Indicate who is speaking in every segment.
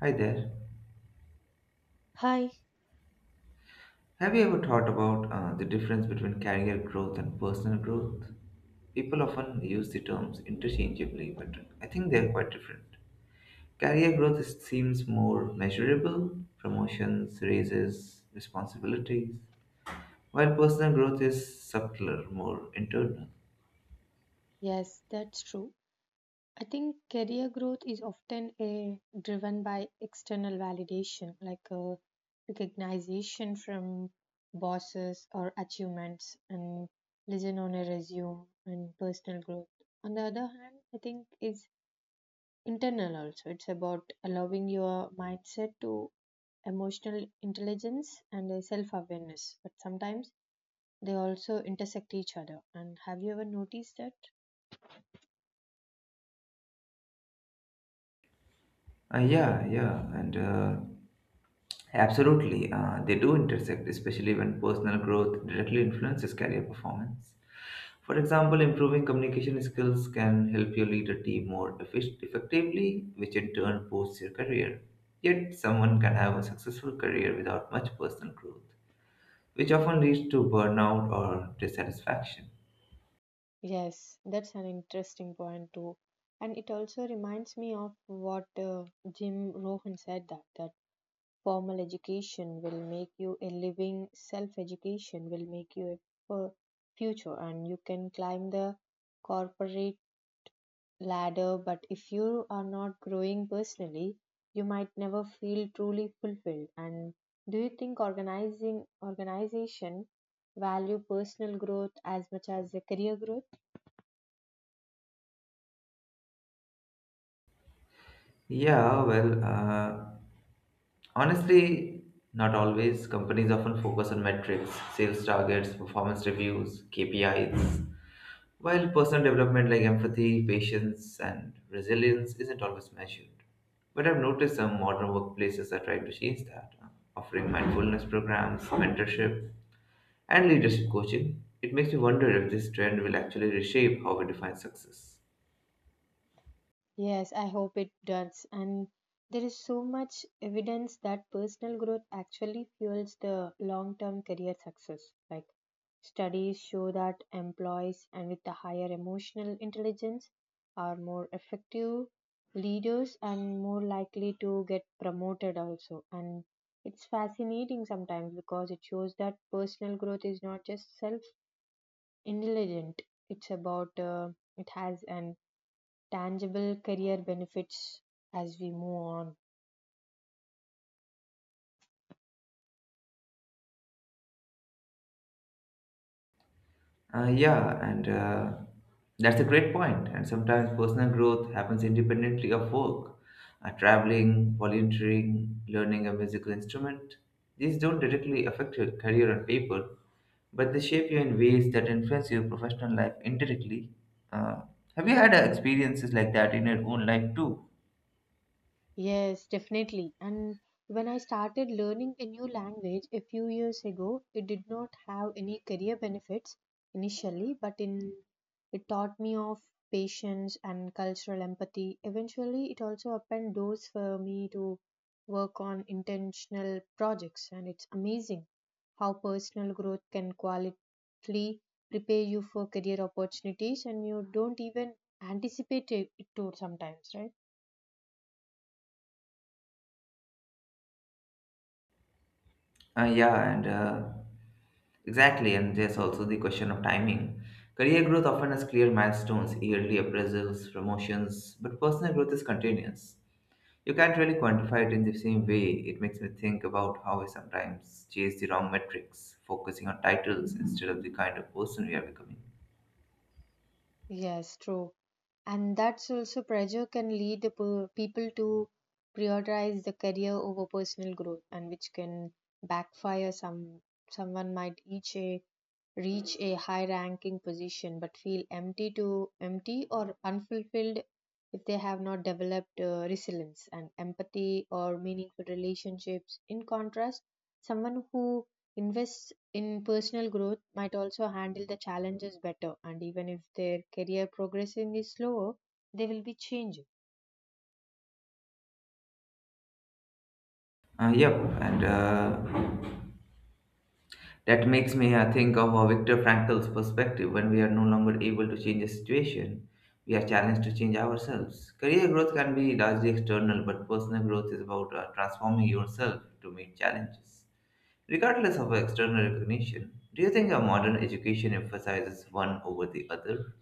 Speaker 1: Hi there.
Speaker 2: Hi,
Speaker 1: Have you ever thought about the difference between career growth and personal growth? People often use the terms interchangeably, but I think they are quite different. Seems more measurable promotions, raises, responsibilities, while personal growth is subtler, more internal.
Speaker 2: yes, that's true. I think career growth is often driven by external validation, like recognition from bosses or achievements, and listen on a resume and personal growth. On the other hand, I think is internal also. It's about allowing your mindset to emotional intelligence and self-awareness. But sometimes they also intersect each other. And have you ever noticed that?
Speaker 1: Yeah, yeah, and Absolutely, they do intersect, especially when personal growth directly influences career performance. For example, improving communication skills can help you lead a team effectively, which in turn boosts your career. Yet, someone can have a successful career without much personal growth, which often leads to burnout or dissatisfaction.
Speaker 2: Yes, that's an interesting point too. And it also reminds me of what Jim Rohan said that formal education will make you a living, self-education will make you a f- future, and you can climb the corporate ladder. But if you are not growing personally, you might never feel truly fulfilled. And do you think organizing organization value personal growth as much as the career growth?
Speaker 1: Yeah, well, uh, Honestly, not always. Companies often focus on metrics, sales targets, performance reviews, KPIs, while personal development like empathy, patience, and resilience isn't always measured. But I've noticed some modern workplaces are trying to change that, offering mindfulness programs, mentorship, and leadership coaching. It makes me wonder if this trend will actually reshape how we define success.
Speaker 2: Yes, I hope it does. And there is so much evidence that personal growth actually fuels the long term career success. Like studies show that employees and with the higher emotional intelligence are more effective leaders and more likely to get promoted also. And it's fascinating sometimes because it shows that personal growth is not just self intelligent. It's about it has an tangible career benefits as we move on.
Speaker 1: Yeah, and That's a great point. And sometimes personal growth happens independently of work. Traveling, volunteering, learning a musical instrument, these don't directly affect your career on paper, but they shape you in ways that influence your professional life indirectly. Uh, have you had experiences like that in your own life too?
Speaker 2: Yes, definitely. And when I started learning a new language a few years ago, it did not have any career benefits initially, but in it taught me of patience and cultural empathy. Eventually, it also opened doors for me to work on intentional projects, and it's amazing how personal growth can qualitatively prepare you for career opportunities, and you don't even anticipate it to sometimes, right?
Speaker 1: Yeah, and Exactly, and there's also the question of timing. Career growth often has clear milestones, yearly appraisals, promotions, but personal growth is continuous. You can't really quantify it in the same way. It makes me think about how I sometimes chase the wrong metrics, focusing on titles instead of the kind of person we are becoming.
Speaker 2: Yes, true. And that's also pressure can lead the people to prioritize the career over personal growth, and which can backfire. Someone might reach a high ranking position but feel empty to empty or unfulfilled if they have not developed resilience and empathy or meaningful relationships. In contrast, someone who invests in personal growth might also handle the challenges better, and even if their career progressing is slower, they will be changing.
Speaker 1: Yep, and That makes me think of Viktor Frankl's perspective when we are no longer able to change the situation. We are challenged to change ourselves. Career growth can be largely external, but personal growth is about transforming yourself to meet challenges, regardless of external recognition. Do you think a modern education emphasizes one over the other?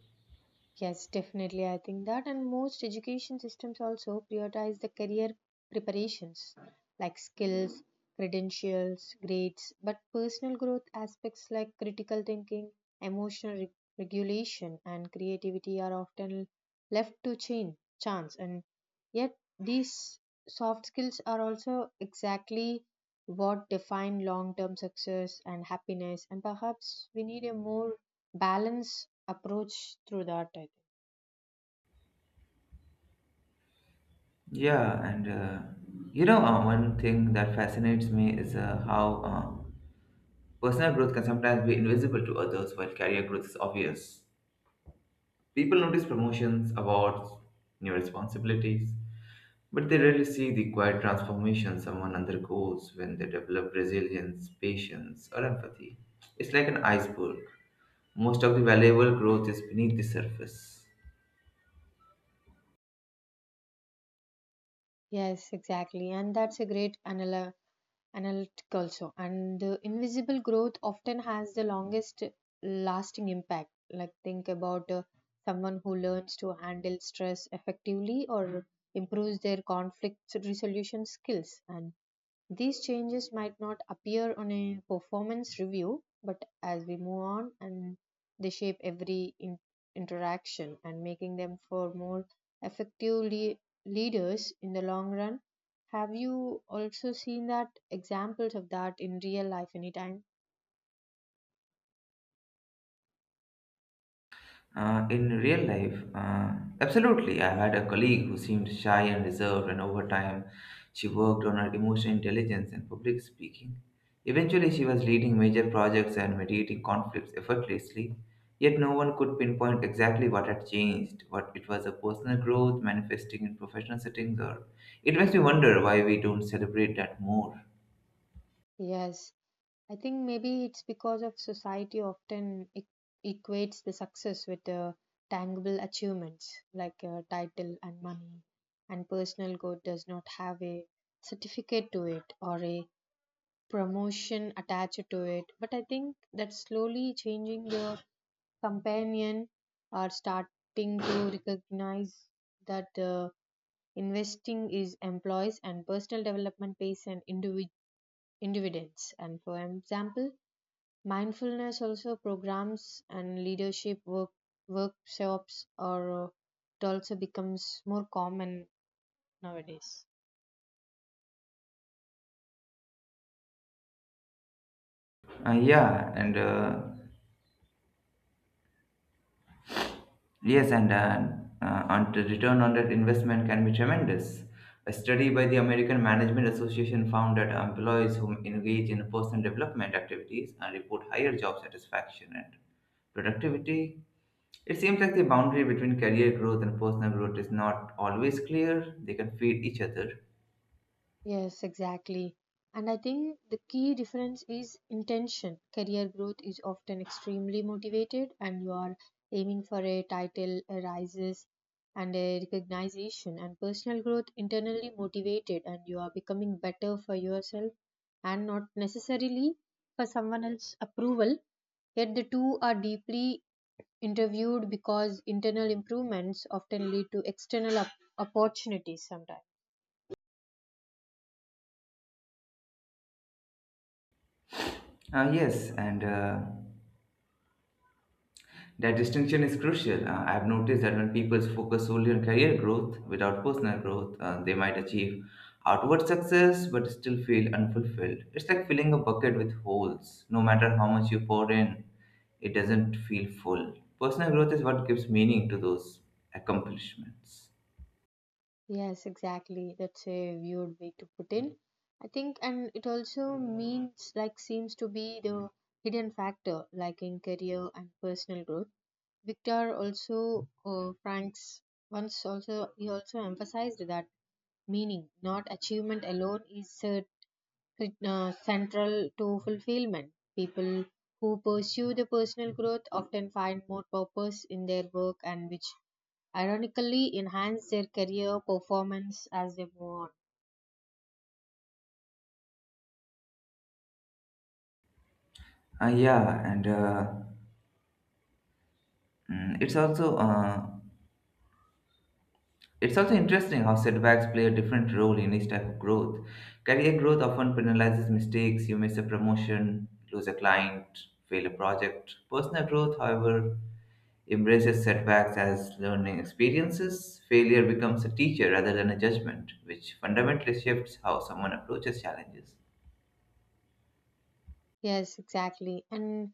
Speaker 2: Yes, definitely. I think that, and most education systems also prioritize the career preparations like skills, credentials, grades, but personal growth aspects like critical thinking, emotional regulation, and creativity are often left to chance. And yet, these soft skills are also exactly what define long term success and happiness. And perhaps we need a more balance approach through that, I think.
Speaker 1: Yeah, and uh, One thing that fascinates me is how personal growth can sometimes be invisible to others while career growth is obvious. People notice promotions, awards, new responsibilities, but they rarely see the quiet transformation someone undergoes when they develop resilience, patience, or empathy. It's like an iceberg. Most of the valuable growth is beneath the surface.
Speaker 2: Yes, exactly. And that's a great analytic also, and the invisible growth often has the longest lasting impact. Like think about someone who learns to handle stress effectively or improves their conflict resolution skills. And these changes might not appear on a performance review, but as we move on and they shape every interaction and making them for more effective leaders in the long run. Have you also seen that examples of that in real life anytime?
Speaker 1: In real life, absolutely. I had a colleague who seemed shy and reserved, and over time, she worked on her emotional intelligence and public speaking. Eventually, she was leading major projects and mediating conflicts effortlessly, yet, no one could pinpoint exactly what had changed. What it was a personal growth manifesting in professional settings, or it makes me wonder why we don't celebrate that more.
Speaker 2: Yes, I think maybe it's because of society often equates the success with tangible achievements like title and money, and personal growth does not have a certificate to it or a promotion attached to it. But I think that slowly changing your companion are starting to recognize that investing is employees and personal development pays an dividends. And for example Mindfulness also programs and leadership workshops are it also becomes more common nowadays.
Speaker 1: Yeah, and Yes, and the return on that investment can be tremendous. A study by the American Management Association found that employees who engage in personal development activities and report higher job satisfaction and productivity. It seems like the boundary between career growth and personal growth is not always clear. They can feed each other.
Speaker 2: Yes, exactly. And I think the key difference is intention. Career growth is often extremely motivated, and you are aiming for a title, a rises, and a recognition. And personal growth internally motivated, and you are becoming better for yourself and not necessarily for someone else's approval. Yet the two are deeply interviewed because internal improvements often lead to external opportunities sometimes.
Speaker 1: Yes, and That distinction is crucial. I've noticed that when people focus solely on career growth without personal growth, they might achieve outward success but still feel unfulfilled. It's like filling a bucket with holes. No matter how much you pour in, it doesn't feel full. Personal growth is what gives meaning to those accomplishments.
Speaker 2: Yes, exactly. That's a weird way to put in. I think, and it also means like seems to be the hidden factor, like in career and personal growth. Victor also, Franks once also he also emphasized that meaning, not achievement alone, is central to fulfillment. People who pursue the personal growth often find more purpose in their work, and which ironically enhance their career performance as they move on.
Speaker 1: Yeah, and mm, it's also It's also interesting how setbacks play a different role in each type of growth. Career growth often penalizes mistakes. You miss a promotion, lose a client, fail a project. Personal growth, however, embraces setbacks as learning experiences. Failure becomes a teacher rather than a judgment, which fundamentally shifts how someone approaches challenges.
Speaker 2: Yes, exactly. And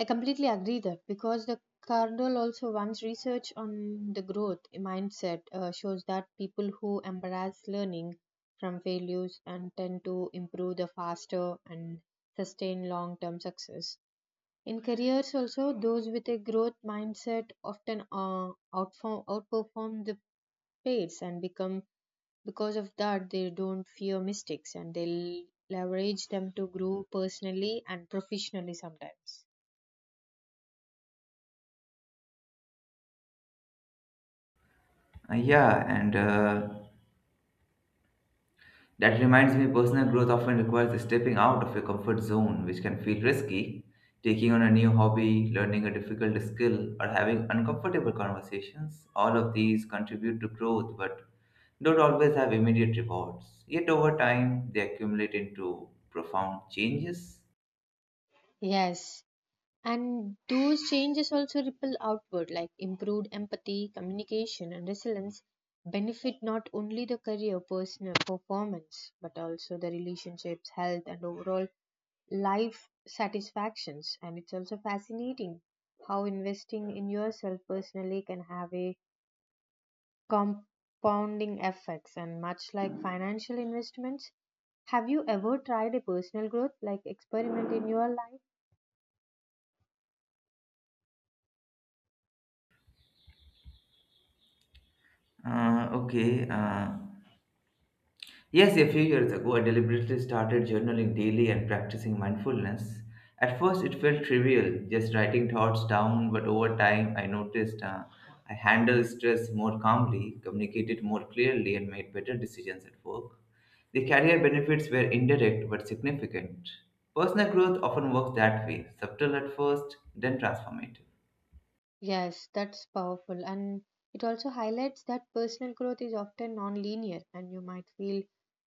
Speaker 2: I completely agree that because the Cardinal also runs research on the growth mindset, shows that people who embrace learning from failures and tend to improve the faster and sustain long term success. In careers, also, those with a growth mindset often outperform the peers and become. Because of that, they don't fear mistakes and they leverage them to grow personally and professionally sometimes.
Speaker 1: Yeah, and That reminds me, personal growth often requires stepping out of your comfort zone, which can feel risky. Taking on a new hobby, learning a difficult skill, or having uncomfortable conversations, all of these contribute to growth but don't always have immediate rewards. Yet, over time, they accumulate into profound changes.
Speaker 2: Yes. And those changes also ripple outward, like improved empathy, communication, and resilience benefit not only the career, personal performance, but also the relationships, health, and overall life satisfactions. And it's also fascinating how investing in yourself personally can have a compounding effects, and much like financial investments. Have you ever tried a personal growth like experiment in your life?
Speaker 1: Uh, okay. Uh, Yes, a few years ago, I deliberately started journaling daily and practicing mindfulness. At first, it felt trivial, just writing thoughts down, but over time, I noticed I handled stress more calmly, communicated more clearly, and made better decisions at work. The career benefits were indirect but significant. Personal growth often works that way subtle at first, then transformative.
Speaker 2: Yes, that's powerful. And it also highlights that personal growth is often non-linear, and you might feel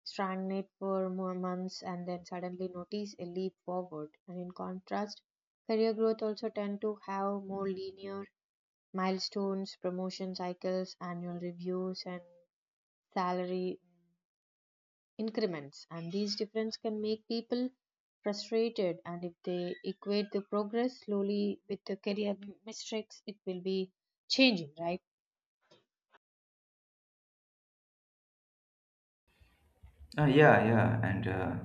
Speaker 2: stagnant for more months and then suddenly notice a leap forward. And in contrast, career growth also tend to have more linear milestones, promotion cycles, annual reviews, and salary increments, and these differences can make people frustrated. And if they equate the progress slowly with the career mistakes, it will be changing, right?
Speaker 1: Uh, yeah, yeah, and uh,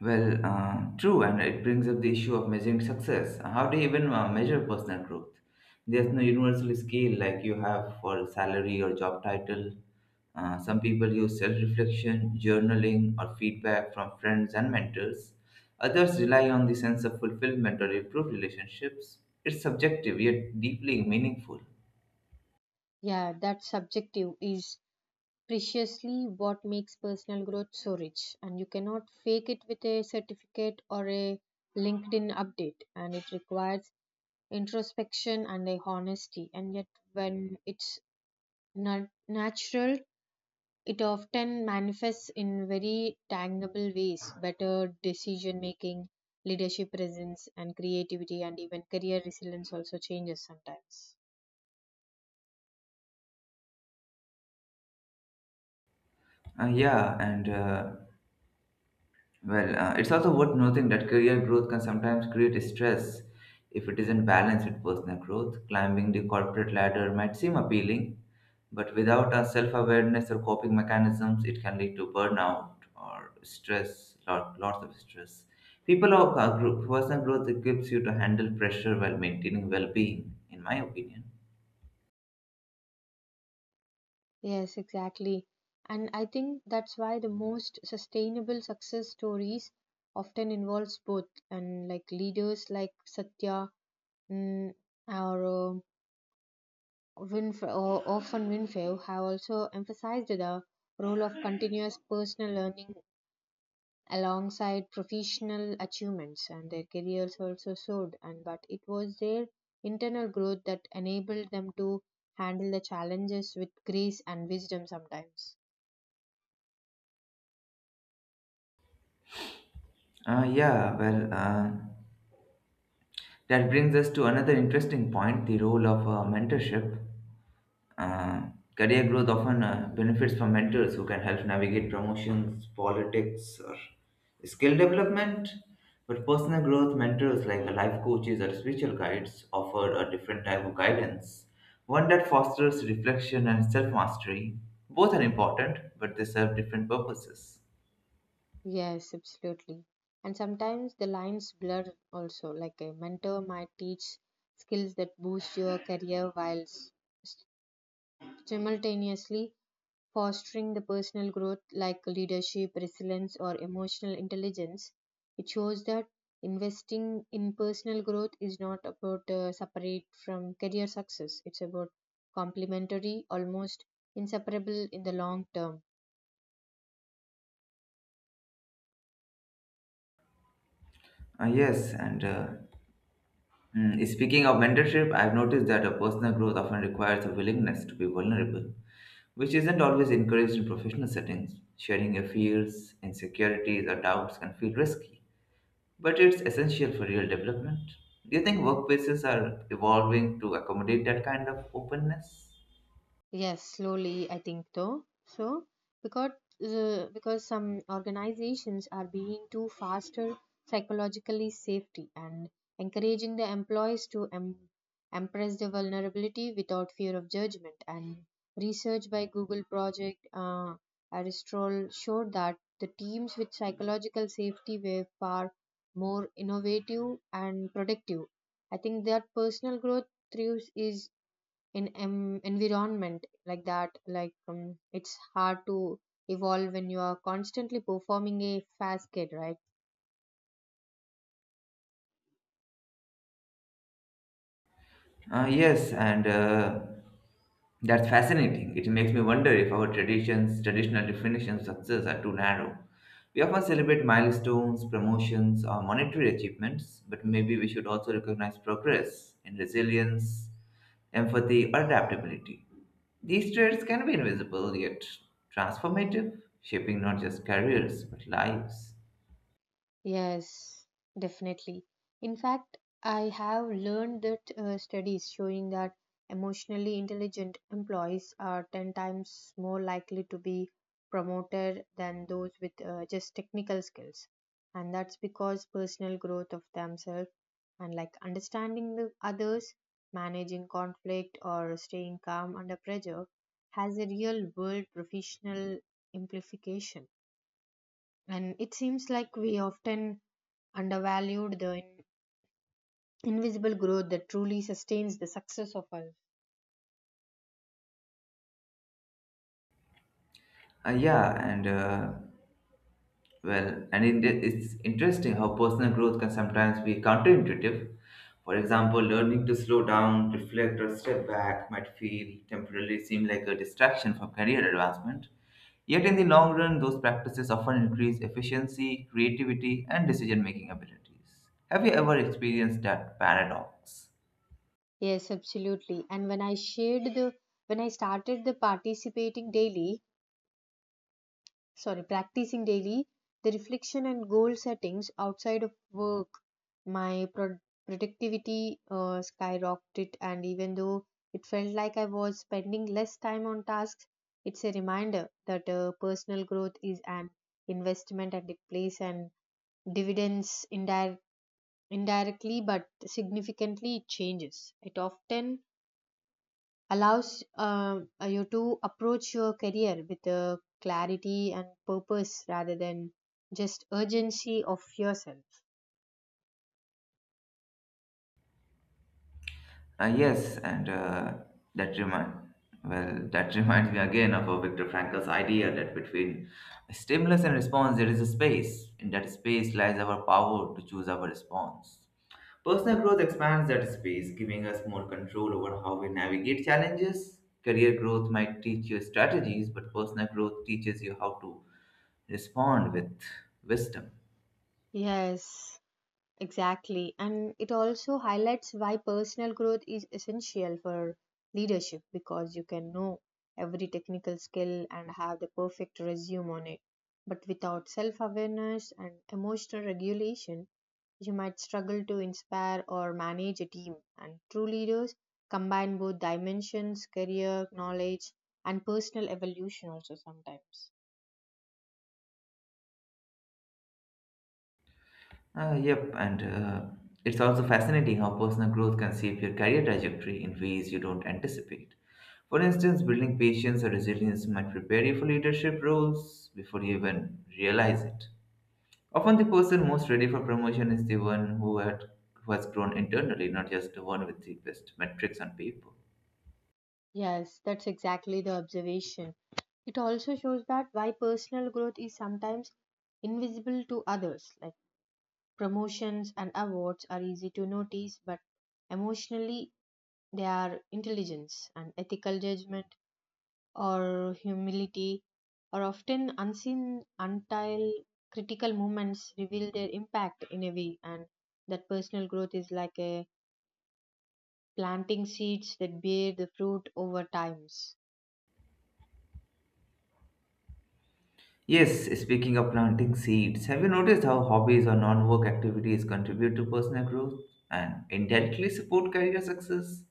Speaker 1: True, and it brings up the issue of measuring success. How do you even measure personal growth? There's no universal scale like you have for salary or job title. Some people use self reflection, journaling, or feedback from friends and mentors. Others rely on the sense of fulfillment or improved relationships. It's subjective yet deeply meaningful.
Speaker 2: Yeah, that subjective is preciously what makes personal growth so rich, and you cannot fake it with a certificate or a LinkedIn update, and it requires introspection and a honesty. And yet, when it's not natural, it often manifests in very tangible ways better decision making, leadership presence, and creativity, and even career resilience also changes sometimes.
Speaker 1: Uh, yeah, and uh, it's also worth noting that career growth can sometimes create stress if it isn't balanced with personal growth. Climbing the corporate ladder might seem appealing, but without a self awareness or coping mechanisms, it can lead to burnout or lots of stress. Personal growth equips you to handle pressure while maintaining well being, in my opinion.
Speaker 2: Yes, exactly. And I think that's why the most sustainable success stories often involves both, and like leaders like Satya, mm, or uh, or often Winfrey have also emphasized the role of continuous personal learning alongside professional achievements, and their careers also soared, and but it was their internal growth that enabled them to handle the challenges with grace and wisdom sometimes.
Speaker 1: Uh, yeah, well, uh, that brings us to another interesting point the role of mentorship. Uh, Career growth often benefits from mentors who can help navigate promotions, politics, or skill development. But personal growth mentors like life coaches or spiritual guides offer a different type of guidance, one that fosters reflection and self mastery. Both are important, but they serve different purposes.
Speaker 2: Yes, absolutely. And sometimes the lines blur also, like a mentor might teach skills that boost your career while simultaneously fostering the personal growth like leadership, resilience, or emotional intelligence. It shows that investing in personal growth is not about separate from career success, it's about complementary, almost inseparable in the long term.
Speaker 1: Uh, yes, and uh, Speaking of mentorship, I've noticed that a personal growth often requires a willingness to be vulnerable, which isn't always encouraged in professional settings. Sharing your fears, insecurities, or doubts can feel risky, but it's essential for real development. Do you think workplaces are evolving to accommodate that kind of openness?
Speaker 2: Yes, slowly, I think though. So, because because some organizations are being too faster psychologically safety and encouraging the employees to embrace the vulnerability without fear of judgment. And research by Google Project Aristotle showed that the teams with psychological safety were far more innovative and productive. I think that personal growth thrives is in environment like that, like it's hard to evolve when you are constantly performing a fast kid, right?
Speaker 1: Yes, and That's fascinating. It makes me wonder if our traditional definitions of success are too narrow. We often celebrate milestones, promotions, or monetary achievements, but maybe we should also recognize progress in resilience, empathy, or adaptability. These traits can be invisible yet transformative, shaping not just careers but lives.
Speaker 2: Yes, definitely. In fact, I have learned that studies showing that emotionally intelligent employees are 10 times more likely to be promoted than those with just technical skills. And that's because personal growth of themselves and like understanding the others, managing conflict, or staying calm under pressure has a real world professional implication. And it seems like we often undervalued the invisible growth that truly sustains the success of us.
Speaker 1: Yeah, and Well, and it, It's interesting how personal growth can sometimes be counterintuitive. For example, learning to slow down, reflect, or step back might feel temporarily seem like a distraction from career advancement. Yet, in the long run, those practices often increase efficiency, creativity, and decision making abilities. Have you ever experienced that paradox?
Speaker 2: Yes, absolutely. And when I started the participating daily sorry practicing daily, the reflection and goal settings outside of work, my productivity skyrocketed, and even though it felt like I was spending less time on tasks, it's a reminder that personal growth is an investment, and it plays and dividends indirectly but significantly. It changes it often allows you to approach your career with a clarity and purpose rather than just urgency of yourself.
Speaker 1: Yes, and that remind well, that reminds me again of Viktor Frankl's idea that between stimulus and response there is a space. In that space lies our power to choose our response. Personal growth expands that space, giving us more control over how we navigate challenges. Career growth might teach you strategies, but personal growth teaches you how to respond with wisdom.
Speaker 2: Yes, exactly. And it also highlights why personal growth is essential for leadership, because you can know every technical skill and have the perfect resume on it, but without self awareness and emotional regulation, you might struggle to inspire or manage a team. And true leaders combine both dimensions career, knowledge, and personal evolution also sometimes.
Speaker 1: Yep, and It's also fascinating how personal growth can shape your career trajectory in ways you don't anticipate. For instance, building patience or resilience might prepare you for leadership roles before you even realize it. Often, the person most ready for promotion is the one who has grown internally, not just the one with the best metrics on paper.
Speaker 2: Yes, that's exactly the observation. It also shows that why personal growth is sometimes invisible to others, like promotions and awards are easy to notice, but emotionally they are intelligence and ethical judgment or humility are often unseen until critical moments reveal their impact in a way, and that personal growth is like a planting seeds that bear the fruit over times.
Speaker 1: Yes, speaking of planting seeds, have you noticed how hobbies or non work activities contribute to personal growth and indirectly support career success?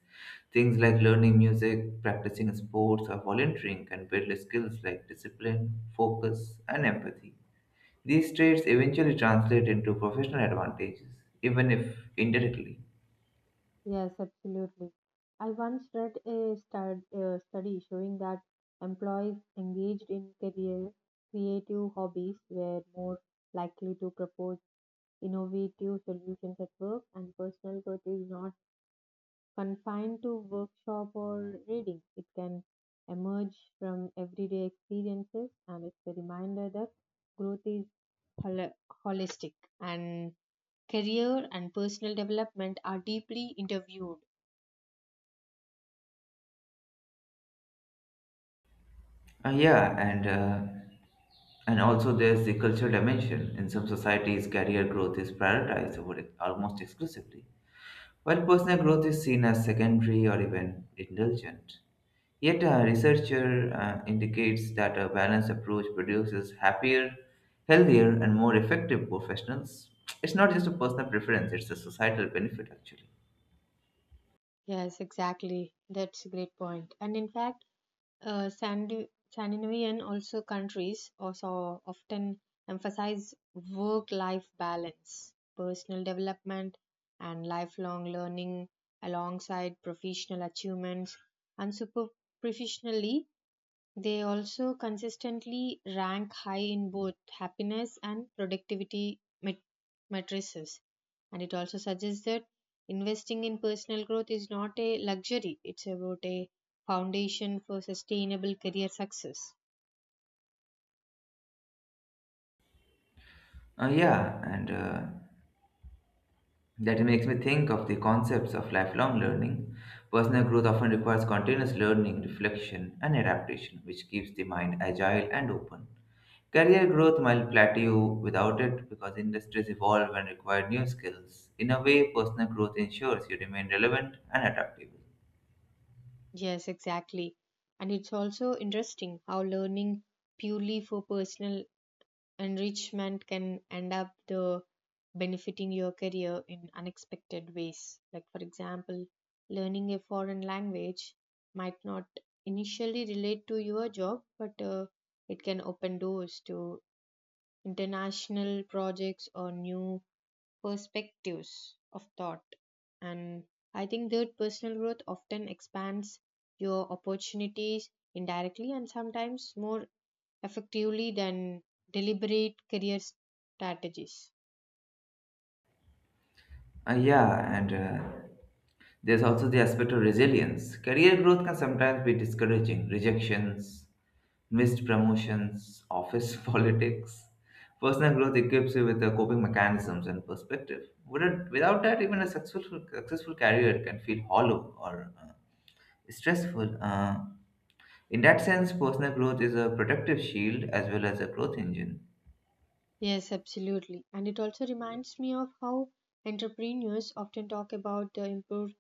Speaker 1: Things like learning music, practicing sports, or volunteering can build skills like discipline, focus, and empathy. These traits eventually translate into professional advantages, even if indirectly.
Speaker 2: Yes, absolutely. I once read a study showing that employees engaged in career creative hobbies were more likely to propose innovative solutions at work, and personal growth is not confined to workshop or reading. It can emerge from everyday experiences, and it's a reminder that growth is hol- holistic, and career and personal development are deeply interviewed.
Speaker 1: Uh, yeah, and uh, and also there's the cultural dimension. In some societies, career growth is prioritized over almost exclusively while personal growth is seen as secondary or even indulgent, yet a researcher indicates that a balanced approach produces happier, healthier, and more effective professionals. It's not just a personal preference, it's a societal benefit actually.
Speaker 2: Yes, exactly. That's a great point. And in fact, Scandinavian also countries also often emphasize work-life balance, personal development, and lifelong learning alongside professional achievements, and super professionally they also consistently rank high in both happiness and productivity matrices. And it also suggests that investing in personal growth is not a luxury, it's about a foundation for sustainable career success.
Speaker 1: Yeah, and That makes me think of the concepts of lifelong learning. Personal growth often requires continuous learning, reflection, and adaptation, which keeps the mind agile and open. Career growth might plateau without it because industries evolve and require new skills. In a way, personal growth ensures you remain relevant and adaptable.
Speaker 2: Yes, exactly. And it's also interesting how learning purely for personal enrichment can end up the benefiting your career in unexpected ways, like for example learning a foreign language might not initially relate to your job, but it can open doors to international projects or new perspectives of thought. And I think that personal growth often expands your opportunities indirectly and sometimes more effectively than deliberate career strategies.
Speaker 1: Yeah, and There's also the aspect of resilience. Career growth can sometimes be discouraging. Rejections, missed promotions, office politics. Personal growth equips you with the coping mechanisms and perspective. Wouldn't, Without that, even a successful career can feel hollow or stressful. In that sense, personal growth is a protective shield as well as a growth engine.
Speaker 2: Yes, absolutely. And it also reminds me of how entrepreneurs often talk about the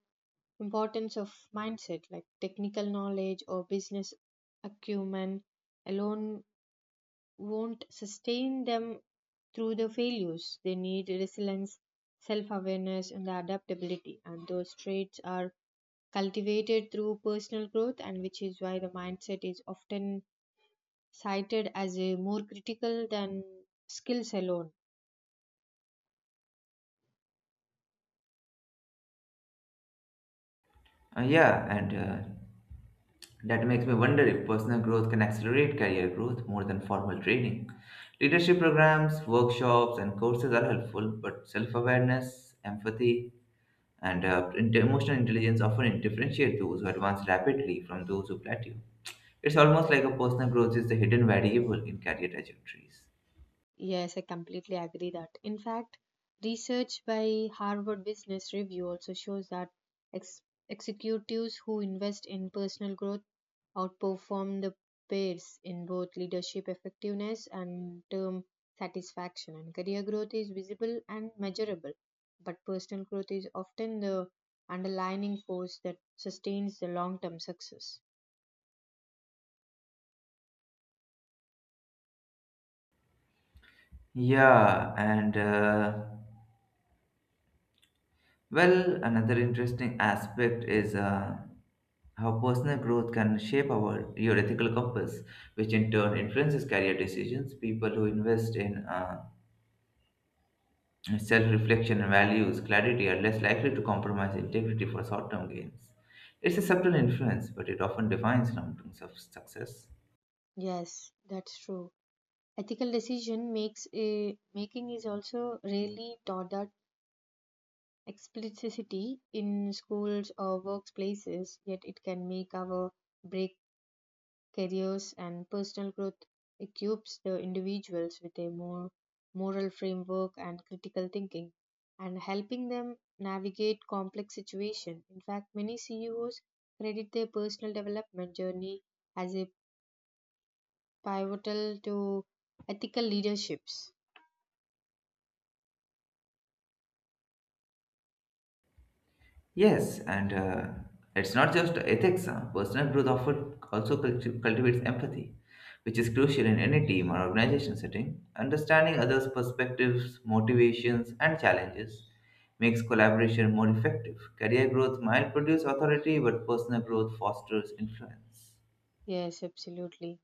Speaker 2: importance of mindset, like technical knowledge or business acumen alone won't sustain them through the failures. They need resilience, self awareness, and the adaptability. And those traits are cultivated through personal growth, and which is why the mindset is often cited as a more critical than skills alone.
Speaker 1: Yeah, and That makes me wonder if personal growth can accelerate career growth more than formal training. Leadership programs, workshops, and courses are helpful, but self awareness, empathy, and emotional intelligence often differentiate those who advance rapidly from those who plateau. It's almost like a personal growth is the hidden variable in career trajectories.
Speaker 2: Yes, I completely agree that. In fact, research by Harvard Business Review also shows that ex- executives who invest in personal growth outperform the peers in both leadership effectiveness and term satisfaction. And career growth is visible and measurable, but personal growth is often the underlying force that sustains the long term success.
Speaker 1: Yeah, and uh, Another interesting aspect is how personal growth can shape our your ethical compass, which in turn influences career decisions. People who invest in self-reflection and values clarity are less likely to compromise integrity for short-term gains. It's a subtle influence, but it often defines success.
Speaker 2: Yes, that's true. Ethical decision making is also rarely taught that explicitly in schools or workplaces, yet it can make our break careers, and personal growth equips the individuals with a more moral framework and critical thinking and helping them navigate complex situations. In fact, many CEOs credit their personal development journey as a pivotal to ethical leaderships.
Speaker 1: Yes, and It's not just ethics. Personal growth often also cultivates empathy, which is crucial in any team or organization setting. Understanding others' perspectives, motivations, and challenges makes collaboration more effective. Career growth might produce authority, but personal growth fosters influence.
Speaker 2: Yes, absolutely.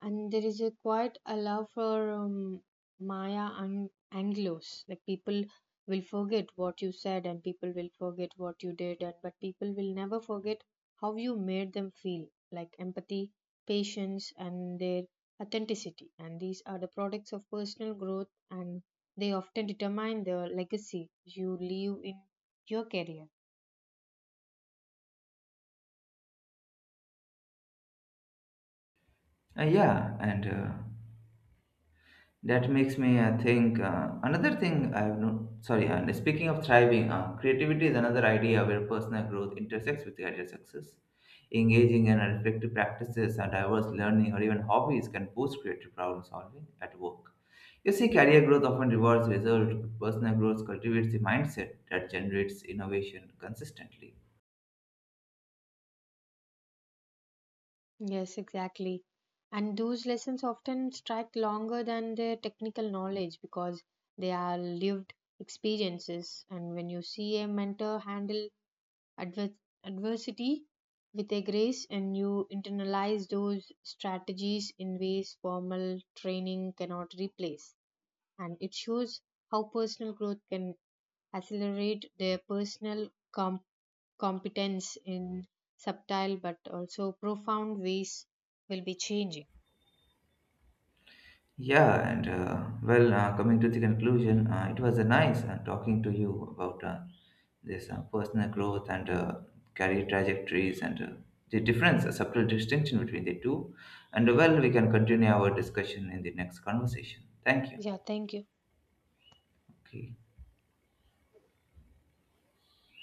Speaker 2: And there is a quite a love for Maya and Anglos. Like people will forget what you said, and people will forget what you did, and but people will never forget how you made them feel. Like empathy, patience, and their authenticity, and these are the products of personal growth, and they often determine the legacy you leave in your career.
Speaker 1: Yeah, and That makes me think. Another thing I have no sorry. And speaking of thriving, creativity is another idea where personal growth intersects with career success. Engaging in reflective practices and diverse learning or even hobbies can boost creative problem solving at work. You see, career growth often rewards results. But Personal growth cultivates the mindset that generates innovation consistently.
Speaker 2: Yes, exactly. And those lessons often strike longer than their technical knowledge because they are lived experiences. And when you see a mentor handle adver- adversity with a grace, and you internalize those strategies in ways formal training cannot replace, and it shows how personal growth can accelerate their personal competence in subtle but also profound ways will be changing.
Speaker 1: Coming to the conclusion, it was nice talking to you about this personal growth and career trajectories and the a subtle distinction between the two. And well, we can continue our discussion in the next conversation. Thank you.
Speaker 2: Yeah, thank you.
Speaker 1: Okay.